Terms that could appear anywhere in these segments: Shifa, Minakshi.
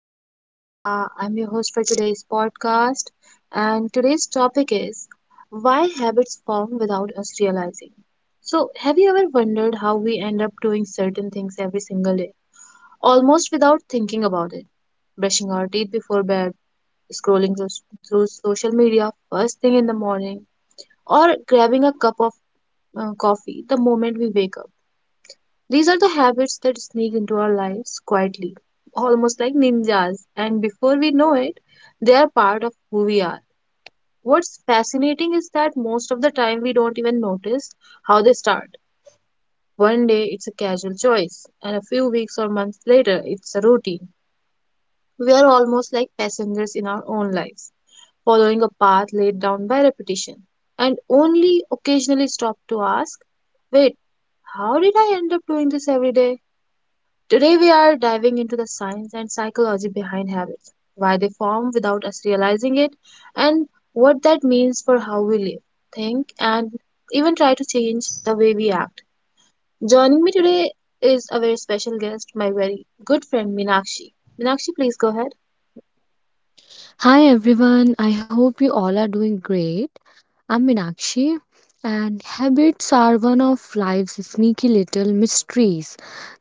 my name is Shifa. I'm your host for today's podcast. And today's topic is why habits form without us realizing. So, have you ever wondered how we end up doing certain things every single day, almost without thinking about it? Brushing our teeth before bed, scrolling through social media first thing in the morning, or grabbing a cup of coffee the moment we wake up. These are the habits that sneak into our lives quietly, almost like ninjas, and before we know it, they are part of who we are. What's fascinating is that most of the time we don't even notice how they start. One day it's a casual choice, and a few weeks or months later it's a routine. We are almost like passengers in our own lives, following a path laid down by repetition, and only occasionally stop to ask, wait, how did I end up doing this every day? Today, we are diving into the science and psychology behind habits, why they form without us realizing it, and what that means for how we live, think, and even try to change the way we act. Joining me today is a very special guest, my very good friend Minakshi. Minakshi, please go ahead. Hi everyone, I hope you all are doing great. I'm Minakshi, and habits are one of life's sneaky little mysteries.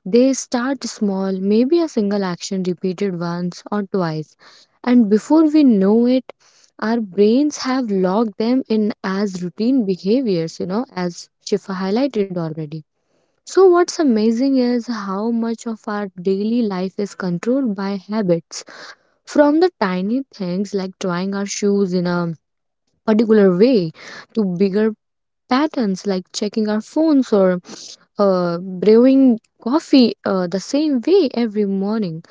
They start small, maybe a single action repeated once or twice, and before we know it, our brains have locked them in as routine behaviors, as Shifa highlighted already. So, what's amazing is how much of our daily life is controlled by habits, from the tiny things like drying our shoes in a particular way to bigger patterns like checking our phones or brewing coffee the same way every morning.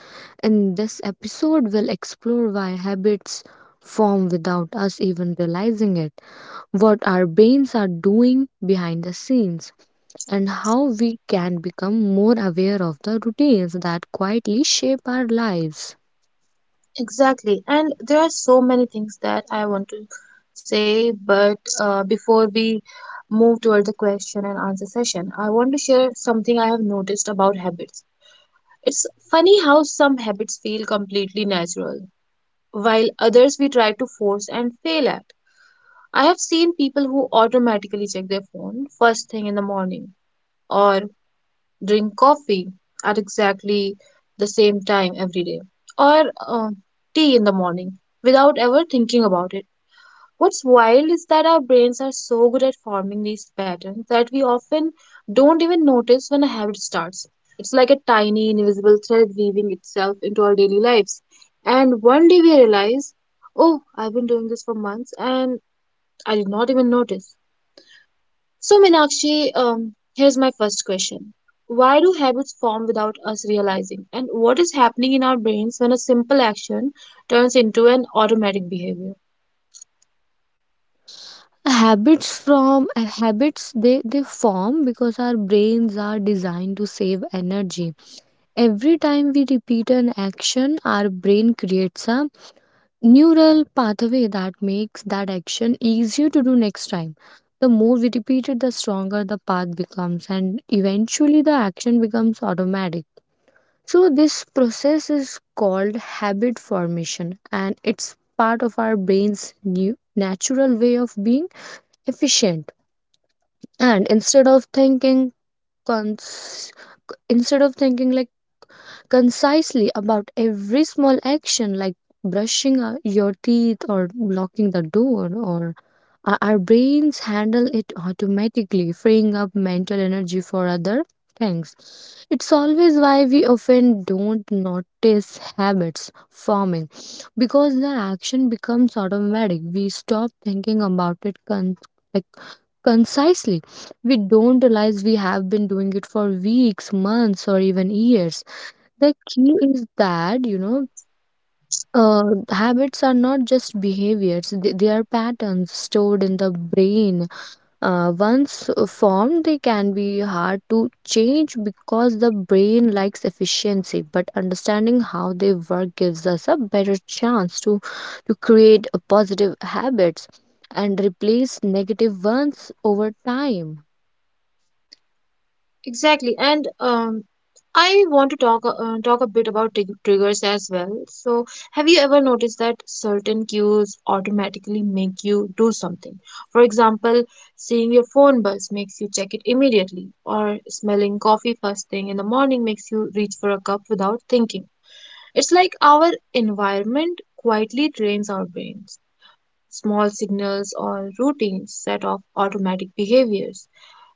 In this episode, we'll explore why habits form without us even realizing it, what our brains are doing behind the scenes, and how we can become more aware of the routines that quietly shape our lives. Exactly, and there are so many things that I want to say, but before we move toward the question and answer session, I want to share something I have noticed about habits. It's funny how some habits feel completely natural, while others we try to force and fail at. I have seen people who automatically check their phone first thing in the morning or drink coffee at exactly the same time every day or tea in the morning without ever thinking about it. What's wild is that our brains are so good at forming these patterns that we often don't even notice when a habit starts. It's like a tiny invisible thread weaving itself into our daily lives. And one day we realize, oh, I've been doing this for months and I did not even notice. So, Meenakshi, here's my first question. Why do habits form without us realizing? And what is happening in our brains when a simple action turns into an automatic behavior? Habits they form because our brains are designed to save energy. Every time we repeat an action, our brain creates a neural pathway that makes that action easier to do next time. The more we repeat it, the stronger the path becomes, and eventually the action becomes automatic. So this process is called habit formation, and it's part of our brain's new natural way of being efficient. And instead of thinking cons- instead of thinking like concisely about every small action like brushing your teeth or locking the door, or our brains handle it automatically, freeing up mental energy for other things. It's always why we often don't notice habits forming, because the action becomes automatic. We stop thinking about it like concisely. We don't realize we have been doing it for weeks, months, or even years. The key is that, uh, habits are not just behaviors, they are patterns stored in the brain. Uh, once formed, they can be hard to change because the brain likes efficiency, but understanding how they work gives us a better chance to create a positive habits and replace negative ones over time. Exactly. And I want to talk a bit about triggers as well. So, have you ever noticed that certain cues automatically make you do something? For example, seeing your phone buzz makes you check it immediately, or smelling coffee first thing in the morning makes you reach for a cup without thinking. It's like our environment quietly trains our brains. Small signals or routines set off automatic behaviors,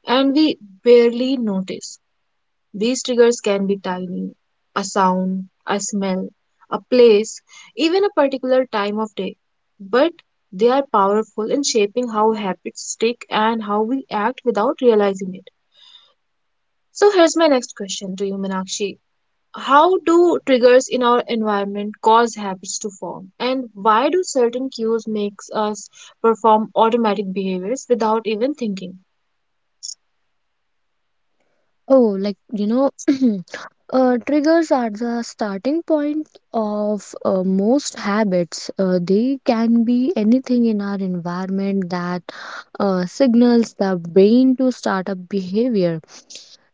and we barely notice. These triggers can be tiny, a sound, a smell, a place, even a particular time of day, but they are powerful in shaping how habits stick and how we act without realizing it. So here's my next question to you, Meenakshi. How do triggers in our environment cause habits to form? And why do certain cues makes us perform automatic behaviors without even thinking? Oh, like, you know, Triggers are the starting point of most habits. They can be anything in our environment that signals the brain to start a behavior.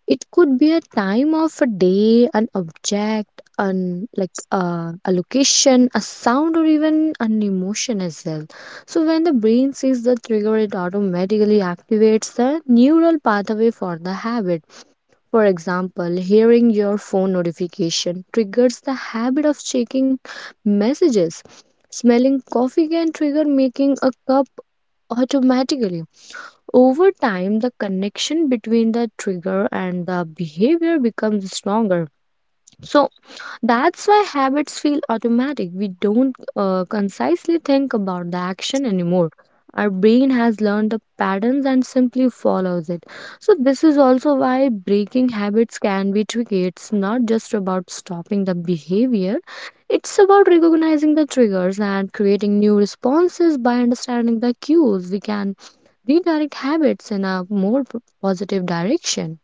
It could be a time of a day, an object, an a location, a sound, or even an emotion as well. So when the brain sees the trigger, it automatically activates the neural pathway for the habit. For example, hearing your phone notification triggers the habit of checking messages. Smelling coffee can trigger making a cup automatically. Over time, the connection between the trigger and the behavior becomes stronger. So, that's why habits feel automatic. We don't concisely think about the action anymore. Our brain has learned the patterns and simply follows it. So, this is also why breaking habits can be tricky. It's not just about stopping the behavior, it's about recognizing the triggers and creating new responses by understanding the cues. We can redirect habits in a more positive direction.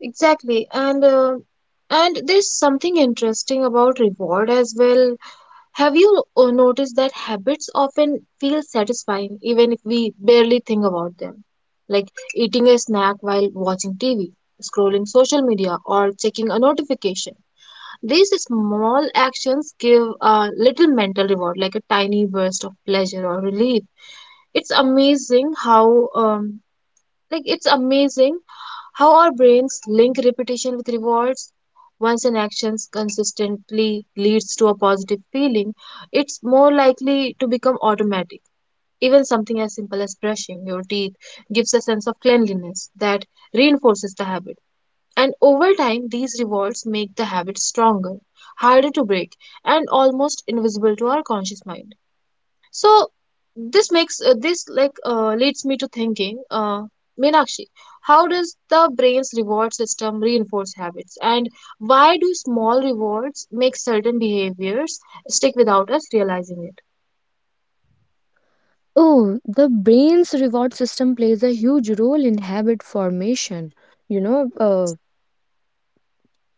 Exactly, and and there's something interesting about reward as well. Have you noticed that habits often feel satisfying even if we barely think about them? Like eating a snack while watching TV, scrolling social media, or checking a notification. These small actions give a little mental reward, like a tiny burst of pleasure or relief. It's amazing how our brains link repetition with rewards. Once an action consistently leads to a positive feeling, it's more likely to become automatic. Even something as simple as brushing your teeth gives a sense of cleanliness that reinforces the habit. And over time, these rewards make the habit stronger, harder to break, and almost invisible to our conscious mind. So this leads me to thinking, Meenakshi, how does the brain's reward system reinforce habits, and why do small rewards make certain behaviors stick without us realizing it? Oh, the brain's reward system plays a huge role in habit formation. You know, uh,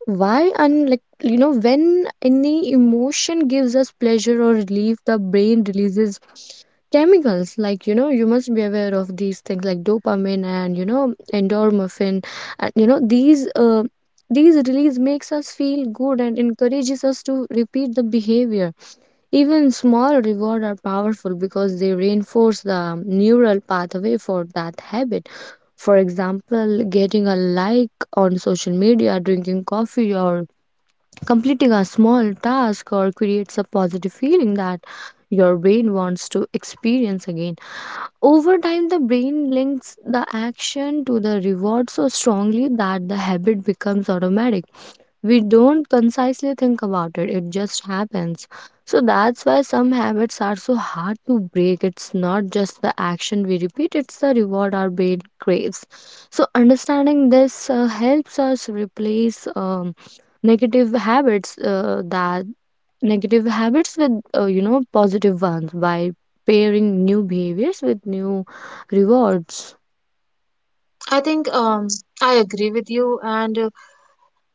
why and when any emotion gives us pleasure or relief, the brain releases chemicals. You must be aware of these things like dopamine and, endorphin. And, these release makes us feel good and encourages us to repeat the behavior. Even small rewards are powerful because they reinforce the neural pathway for that habit. For example, getting a like on social media, drinking coffee, or completing a small task, or creates a positive feeling that your brain wants to experience again. Over time, the brain links the action to the reward so strongly that the habit becomes automatic. We don't concisely think about it, it just happens. So that's why some habits are so hard to break. It's not just the action we repeat, it's the reward our brain craves. So understanding this helps us replace negative habits uh, that negative habits with positive ones by pairing new behaviors with new rewards. I think I agree with you, and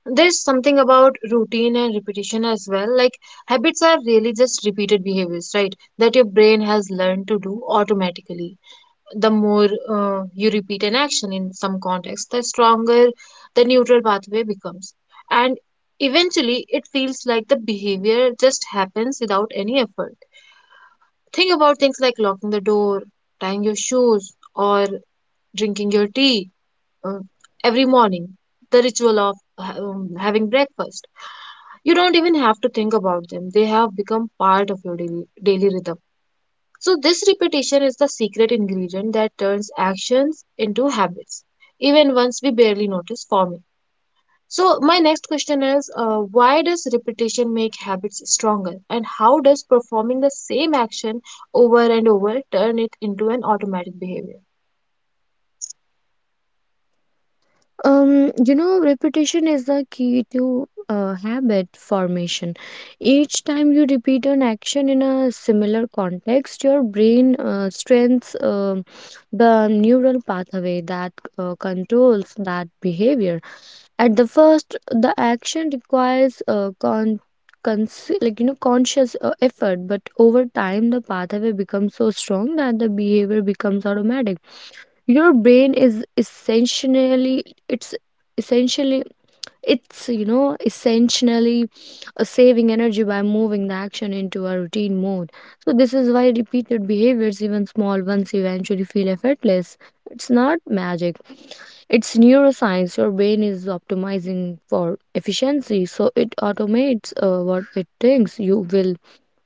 there's something about routine and repetition as well. Like habits are really just repeated behaviors, right? That your brain has learned to do automatically. The more you repeat an action in some context, the stronger the neutral pathway becomes. And eventually, it feels like the behavior just happens without any effort. Think about things like locking the door, tying your shoes, or drinking your tea uh, every morning, the ritual of having breakfast. You don't even have to think about them, they have become part of your daily rhythm. So, this repetition is the secret ingredient that turns actions into habits, even once we barely notice forming. So, my next question is why does repetition make habits stronger, and how does performing the same action over and over turn it into an automatic behavior? Repetition is the key to habit formation. Each time you repeat an action in a similar context, your brain strengthens the neural pathway that controls that behavior. At the first, the action requires conscious effort, but over time, the pathway becomes so strong that the behavior becomes automatic. Your brain is essentially, it's essentially it's you know essentially a saving energy by moving the action into a routine mode. So this is why repeated behaviors, even small ones, eventually feel effortless. It's not magic, it's neuroscience. Your brain is optimizing for efficiency, so it automates what it thinks you will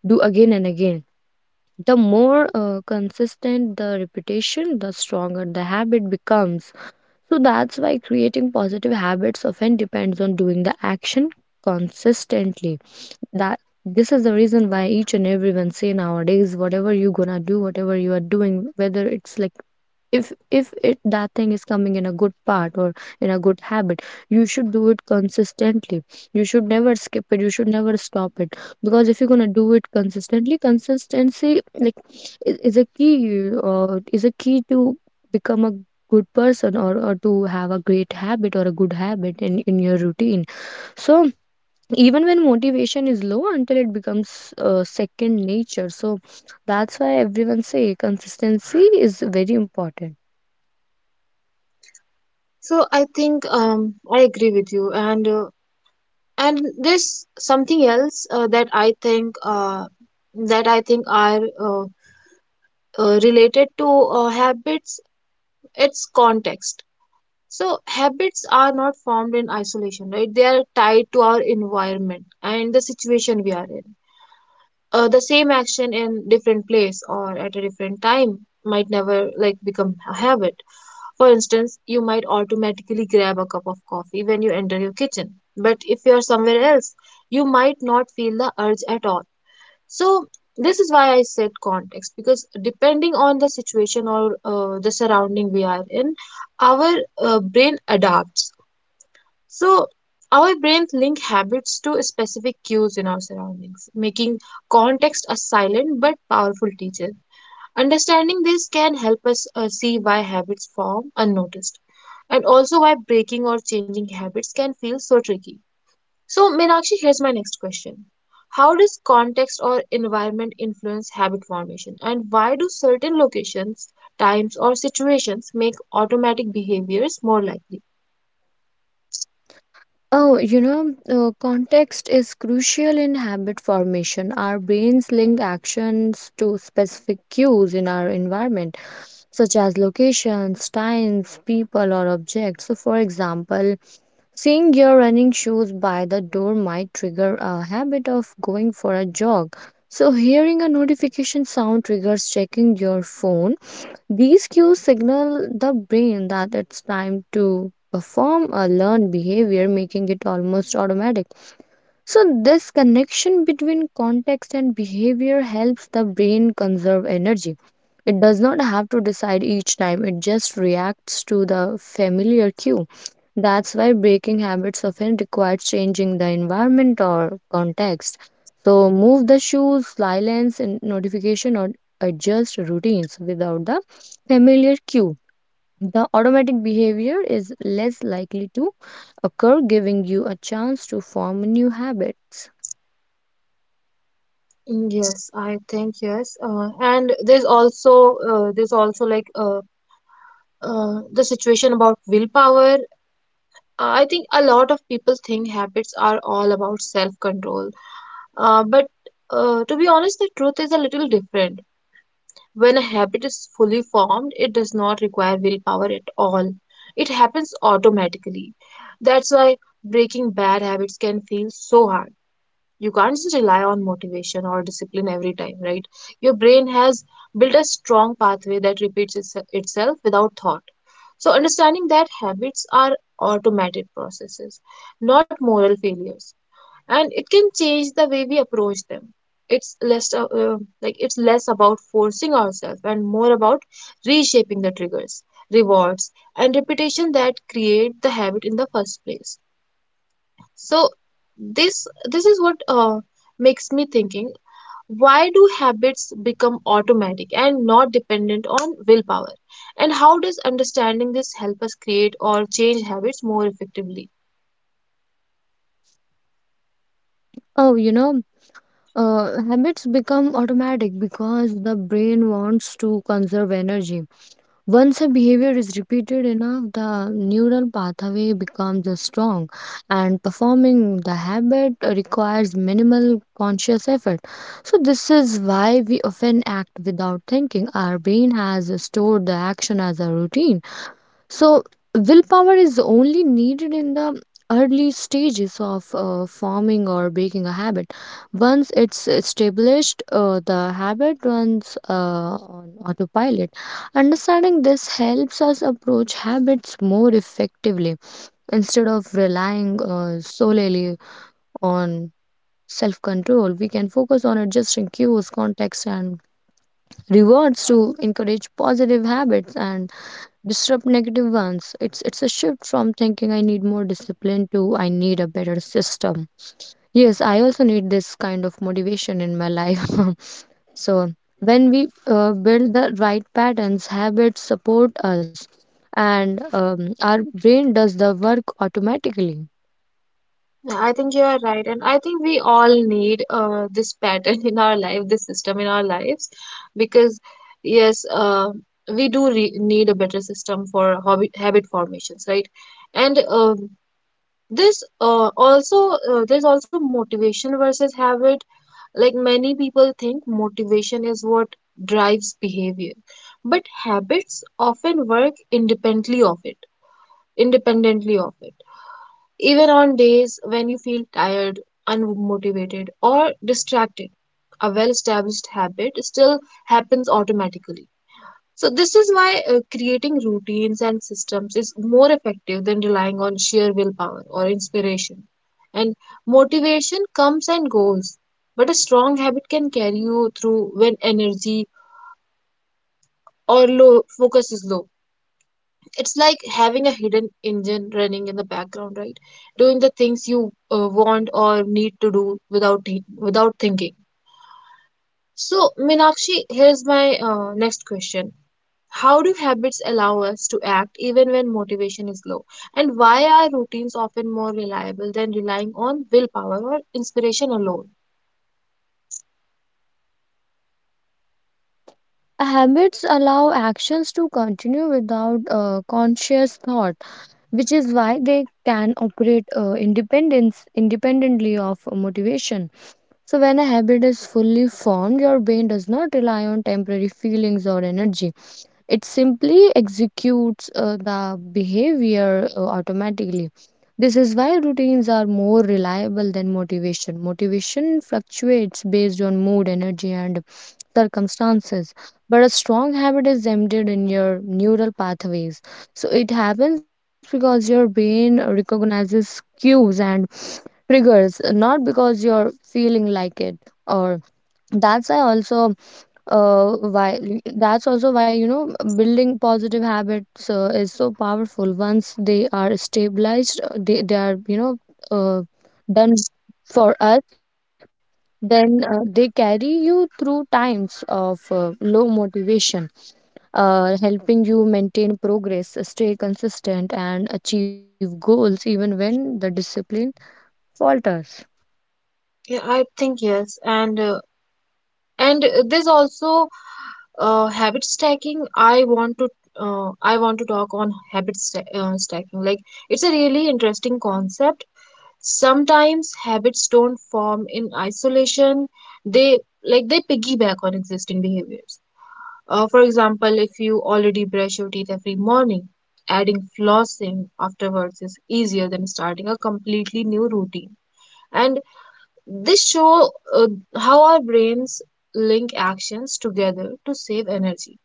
do again and again. The more consistent the repetition, the stronger the habit becomes. So that's why creating positive habits often depends on doing the action consistently. That This is the reason why each and everyone say nowadays, whatever you gonna do, whatever you are doing, whether it's like, if if it that thing is coming in a good part or in a good habit, you should do it consistently. You should never skip it, you should never stop it, because if you're going to do it consistently, consistency is a key, is a key to become a good person, or to have a great habit or a good habit in your routine. So even when motivation is low, until it becomes second nature. So that's why everyone say consistency is very important. So, I think I agree with you, and and there's something else that I think are related to habits. It's context. So habits are not formed in isolation, right? They are tied to our environment and the situation we are in. The same action in different place or at a different time might never like become a habit. For instance, you might automatically grab a cup of coffee when you enter your kitchen, but if you are somewhere else, you might not feel the urge at all. So this is why I said context because depending on the situation or the surrounding we are in, our brain adapts. So, our brains link habits to specific cues in our surroundings, making context a silent but powerful teacher. Understanding this can help us see why habits form unnoticed and also why breaking or changing habits can feel so tricky. So, Meenakshi, here's my next question. How does context or environment influence habit formation, and why do certain locations, times, or situations make automatic behaviors more likely? Context is crucial in habit formation. Our brains link actions to specific cues in our environment, such as locations, times, people, or objects. So, for example, seeing your running shoes by the door might trigger a habit of going for a jog. So, hearing a notification sound triggers checking your phone. These cues signal the brain that it's time to perform a learned behavior, making it almost automatic. So, this connection between context and behavior helps the brain conserve energy. It does not have to decide each time, it just reacts to the familiar cue. That's why breaking habits often requires changing the environment or context. So move the shoes, silence and notification, or adjust routines without the familiar cue. The automatic behavior is less likely to occur, giving you a chance to form new habits. Mm, yes, I think yes. And there's also uh, there's also like uh, the situation about willpower. I think a lot of people think habits are all about self-control. But to be honest, the truth is a little different. When a habit is fully formed, it does not require willpower at all. It happens automatically. That's why breaking bad habits can feel so hard. You can't just rely on motivation or discipline every time, right? Your brain has built a strong pathway that repeats itself without thought. So understanding that habits are automated processes, not moral failures, and it can change the way we approach them. It's less like it's less about forcing ourselves and more about reshaping the triggers, rewards, and repetition that create the habit in the first place. So this is what makes me thinking, why do habits become automatic and not dependent on willpower, and how does understanding this help us create or change habits more effectively? Oh, you know, Habits become automatic because the brain wants to conserve energy. Once a behavior is repeated enough, the neural pathway becomes strong, and performing the habit requires minimal conscious effort. So, this is why we often act without thinking. Our brain has stored the action as a routine. So, willpower is only needed in the early stages of forming or breaking a habit. Once it's established, the habit runs on autopilot. Understanding this helps us approach habits more effectively. Instead of relying solely on self control, we can focus on adjusting cues, context, and rewards to encourage positive habits and disrupt negative ones. It's a shift from thinking I need more discipline to I need a better system. Yes, I also need this kind of motivation in my life. So when we build the right patterns, habits support us, and our brain does the work automatically. Yeah, I think you are right and I think we all need this pattern in our life, this system in our lives, because yes, we do need a better system for habit formations, right? And this also there's also motivation versus habit. Like many people think motivation is what drives behavior, but habits often work independently of it even on days when you feel tired, unmotivated or distracted. A well established habit still happens automatically. So, this is why creating routines and systems is more effective than relying on sheer willpower or inspiration. And motivation comes and goes, but a strong habit can carry you through when energy or low focus is low. It's like having a hidden engine running in the background, right? Doing the things you want or need to do without without thinking. So, Minakshi, here's my next question. How do habits allow us to act even when motivation is low? And why are routines often more reliable than relying on willpower or inspiration alone? Habits allow actions to continue without conscious thought, which is why they can operate independence independently of motivation. So, when a habit is fully formed, your brain does not rely on temporary feelings or energy. It simply executes the behavior automatically. This is why routines are more reliable than motivation. Motivation fluctuates based on mood, energy, and circumstances, but a strong habit is embedded in your neural pathways. So, it happens because your brain recognizes cues and triggers, not because you're feeling like it. Or that's why also, uh, why that's also why, building positive habits is so powerful. Once they are stabilized, they are, uh, done for us. Then they carry you through times of low motivation, helping you maintain progress, stay consistent, and achieve goals even when the discipline falters. Yeah, I think yes. And and there's also habit stacking. I want to talk on stacking. Like it's a really interesting concept. Sometimes habits don't form in isolation. They they piggyback on existing behaviors. For example, if you already brush your teeth every morning, adding flossing afterwards is easier than starting a completely new routine. And this show how our brains link actions together to save energy.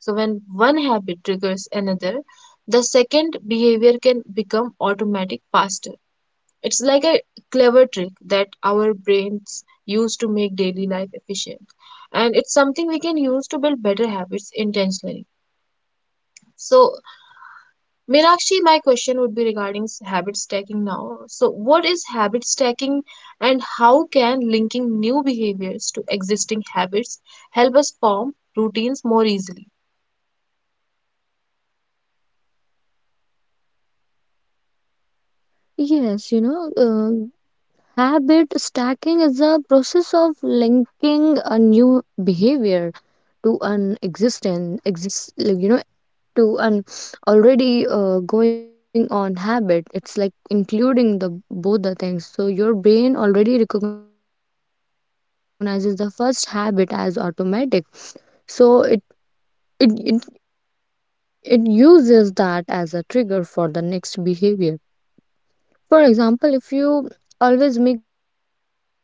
So when one habit triggers another, the second behavior can become automatic faster. It's like a clever trick that our brains use to make daily life efficient. And it's something we can use to build better habits intentionally. So, Meenakshi, my question would be regarding habit stacking now. So, what is habit stacking and how can linking new behaviors to existing habits help us form routines more easily? yes you know uh, Habit stacking is a process of linking a new behavior to an existing exist like, you know to an already going on habit. It's like including the both the things. So your brain already recognizes the first habit as automatic, so it uses that as a trigger for the next behavior. For example, if you always make coffee in the morning,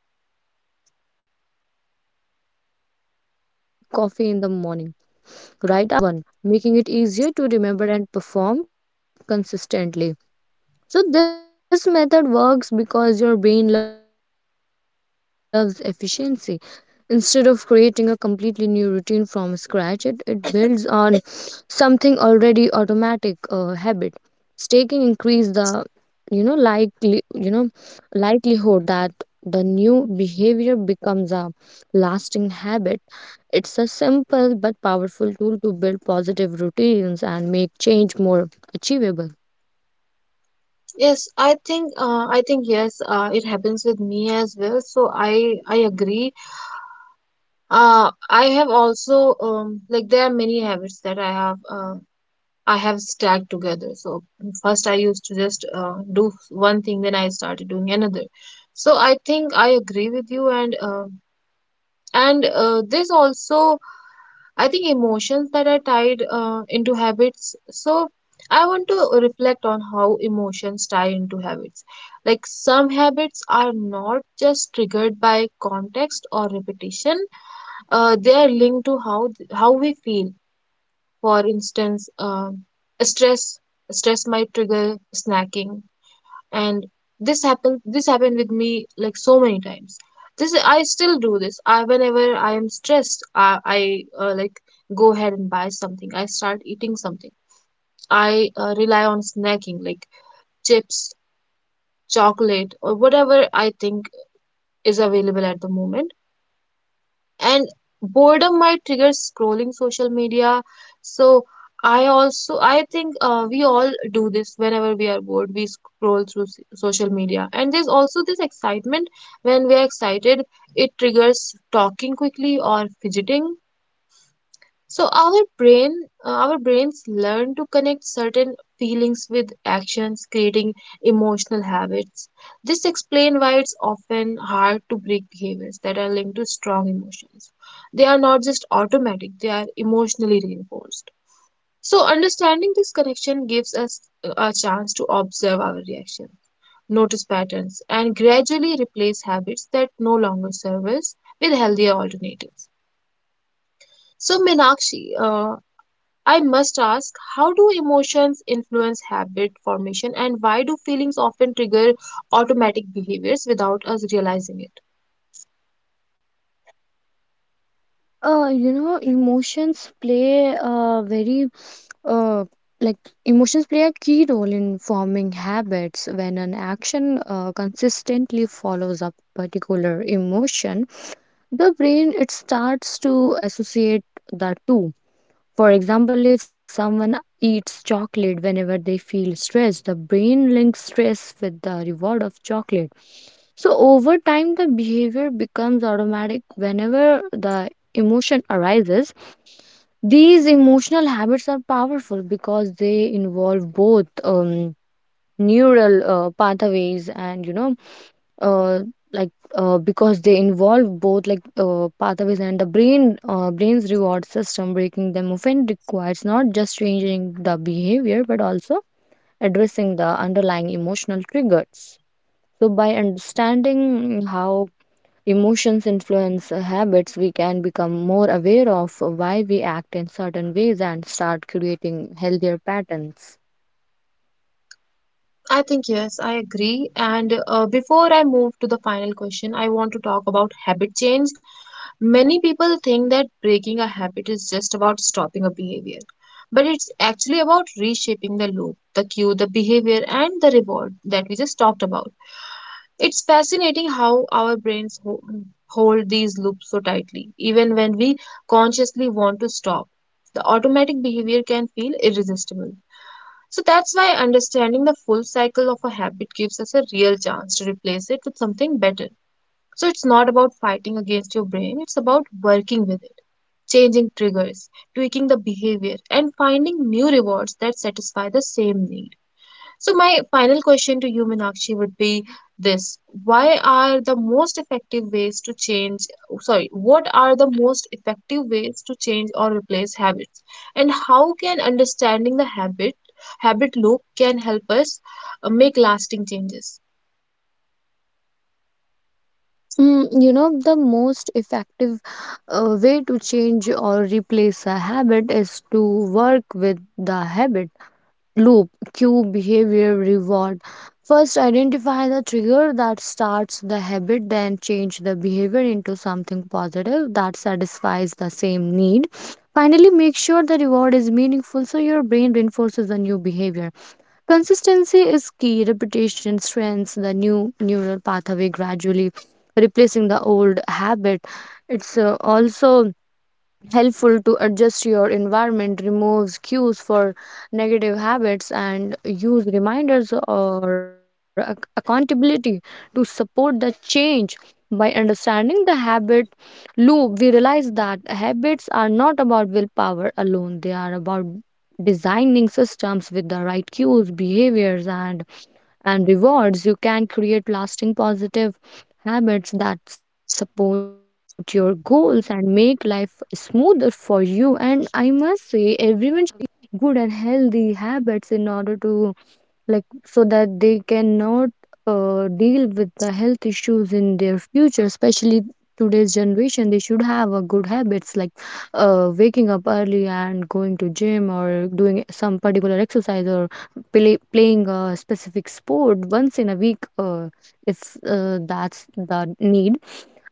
you could stake a habit of drinking a glass of water right after. The stabilized habit cues the new one, making it easier to remember and perform consistently. So, this method works because your brain loves efficiency. Instead of creating a completely new routine from scratch, it builds on something already automatic. Habit staking increase the you know likely you know likelihood that the new behavior becomes a lasting habit. It's a simple but powerful tool to build positive routines and make change more achievable. Yes, I think yes, it happens with me as well. So I agree. I have also like there are many habits that I have. I have stacked together. So first I used to just do one thing, then I started doing another. So I think I agree with you, and this also I think emotions that are tied into habits. So I want to reflect on how emotions tie into habits. Like some habits are not just triggered by context or repetition; they are linked to how we feel. For instance, stress stress might trigger snacking, and this happened with me like so many times. This I still do this. I whenever I am stressed, I like go ahead and buy something. I start eating something. I rely on snacking like chips, chocolate, or whatever I think is available at the moment. And boredom might trigger scrolling social media. So I also I think we all do this. Whenever we are bored we scroll through social media, and there's also this excitement. When we are excited it triggers talking quickly or fidgeting. So our brains learn to connect certain feelings with actions, creating emotional habits. This explains why it's often hard to break behaviors that are linked to strong emotions. They are not just automatic; they are emotionally reinforced. So understanding this connection gives us a chance to observe our reaction, notice patterns, and gradually replace habits that no longer serve us with healthier alternatives. So, Meenakshi, I must ask, how do emotions influence habit formation, and why do feelings often trigger automatic behaviors without us realizing it? Emotions play a very uh like emotions play a key role in forming habits. When an action consistently follows a particular emotion, the brain it starts to associate the two. For example, if someone eats chocolate whenever they feel stressed, the brain links stress with the reward of chocolate. So, over time, the behavior becomes automatic whenever the emotion arises. These emotional habits are powerful because they involve both neural pathways and uh, like because they involve both pathways and the brain's reward system. Breaking them often requires not just changing the behavior but also addressing the underlying emotional triggers. So by understanding how emotions influence habits, we can become more aware of why we act in certain ways and start creating healthier patterns. I think yes, I agree. And before I move to the final question, I want to talk about habit change. Many people think that breaking a habit is just about stopping a behavior, but it's actually about reshaping the loop, the cue, the behavior, and the reward that we just talked about. It's fascinating how our brains hold these loops so tightly, even when we consciously want to stop. The automatic behavior can feel irresistible. So that's why understanding the full cycle of a habit gives us a real chance to replace it with something better. So it's not about fighting against your brain, it's about working with it, changing triggers, tweaking the behavior, and finding new rewards that satisfy the same need. So, my final question to you, Meenakshi, would be this. Why are the most effective ways to change? Sorry, what are the most effective ways to change or replace habits? And how can understanding habit loop can help us make lasting changes? Mm, you know, the most effective way to change or replace a habit is to work with the habit loop, cue, behavior, reward. First, identify the trigger that starts the habit, then change the behavior into something positive that satisfies the same need. Finally, make sure the reward is meaningful so your brain reinforces the new behavior. Consistency is key. Repetition strengthens the new neural pathway gradually, replacing the old habit. It's also helpful to adjust your environment, removes cues for negative habits and use reminders or accountability to support the change. By understanding the habit loop, we realize that habits are not about willpower alone. They are about designing systems with the right cues, behaviors, and rewards. You can create lasting positive habits that support your goals and make life smoother for you. And I must say, everyone good and healthy habits in order to like, so that they cannot deal with the health issues in their future. Especially today's generation, they should have a good habits like waking up early and going to gym or doing some particular exercise, or playing a specific sport once in a week, if that's the need.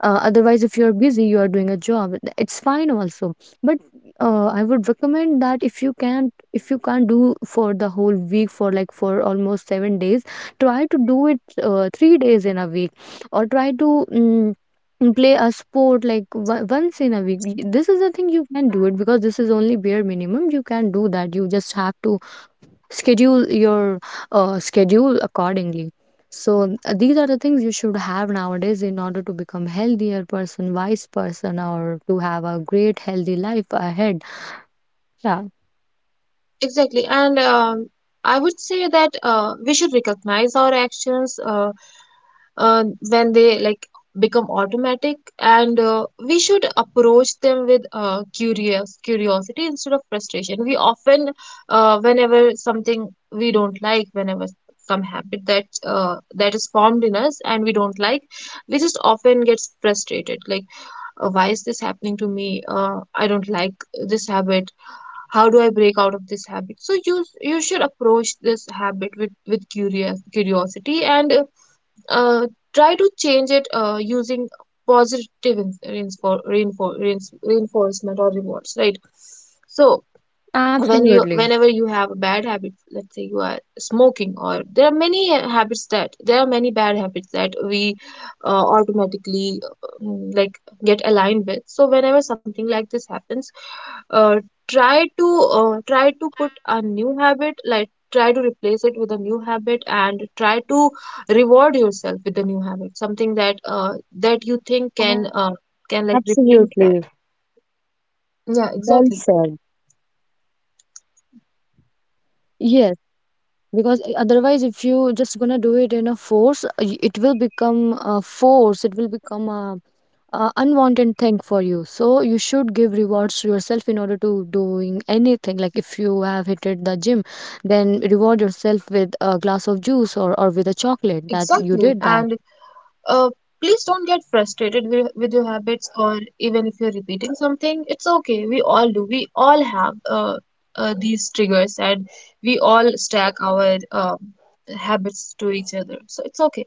Otherwise, if you're busy, you are doing a job, it's fine also. But I would recommend that if you can't do for the whole week, for like for almost 7 days, try to do it 3 days in a week, or try to. Mm play a sport like once in a week. This is the thing you can do it, because this is only bare minimum you can do, that you just have to schedule your schedule accordingly. So these are the things you should have nowadays in order to become healthier person, wise person, or to have a great healthy life ahead. Yeah. Exactly. And I would say that we should recognize our actions. Uh, when they like become automatic and we should approach them with curious curiosity instead of frustration. We often whenever something we don't like, whenever some habit that that is formed in us and we don't like, we just often get frustrated like, why is this happening to me? I don't like this habit. How do I break out of this habit? So you should approach this habit with curious curiosity, and uh, try to change it using positive reinforcement or rewards, right? So, Absolutely. Whenever you have a bad habit, let's say you are smoking, or there are many bad habits that we automatically like get aligned with. So whenever something like this happens, uh, try to try to put a new habit, like try to replace it with a new habit, and try to reward yourself with a new habit, something that that you think Absolutely. Well said. can like replace that. Yeah, exactly. Yes, because otherwise, if you just gonna do it in a force, it will become a force. It will become a unwanted thing for you. So you should give rewards to yourself in order to doing anything, like if you have hitted the gym, then reward yourself with a glass of juice, or with a chocolate, that you did that. Exactly, and Uh, please don't get frustrated with your habits, or even if you're repeating something, it's okay. We all do. We all have these triggers, and we all stack our habits to each other. So it's okay.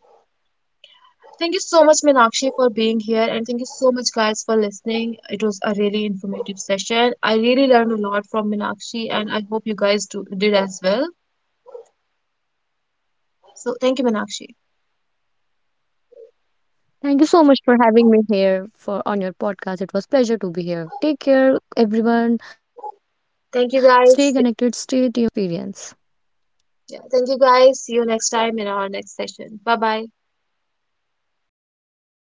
Thank you so much, Minakshi, for being here. And thank you so much, guys, for listening. It was a really informative session. I really learned a lot from Minakshi, and I hope you guys did as well. So thank you, Thank you so Minakshi. much for having me here for on your podcast. It was pleasure to be here. Take care, everyone. Stay connected, stay tuned till the next time we come up with Thank you, another guys. Life experience. Yeah, thank you, guys. See you next time in our next session. Bye bye.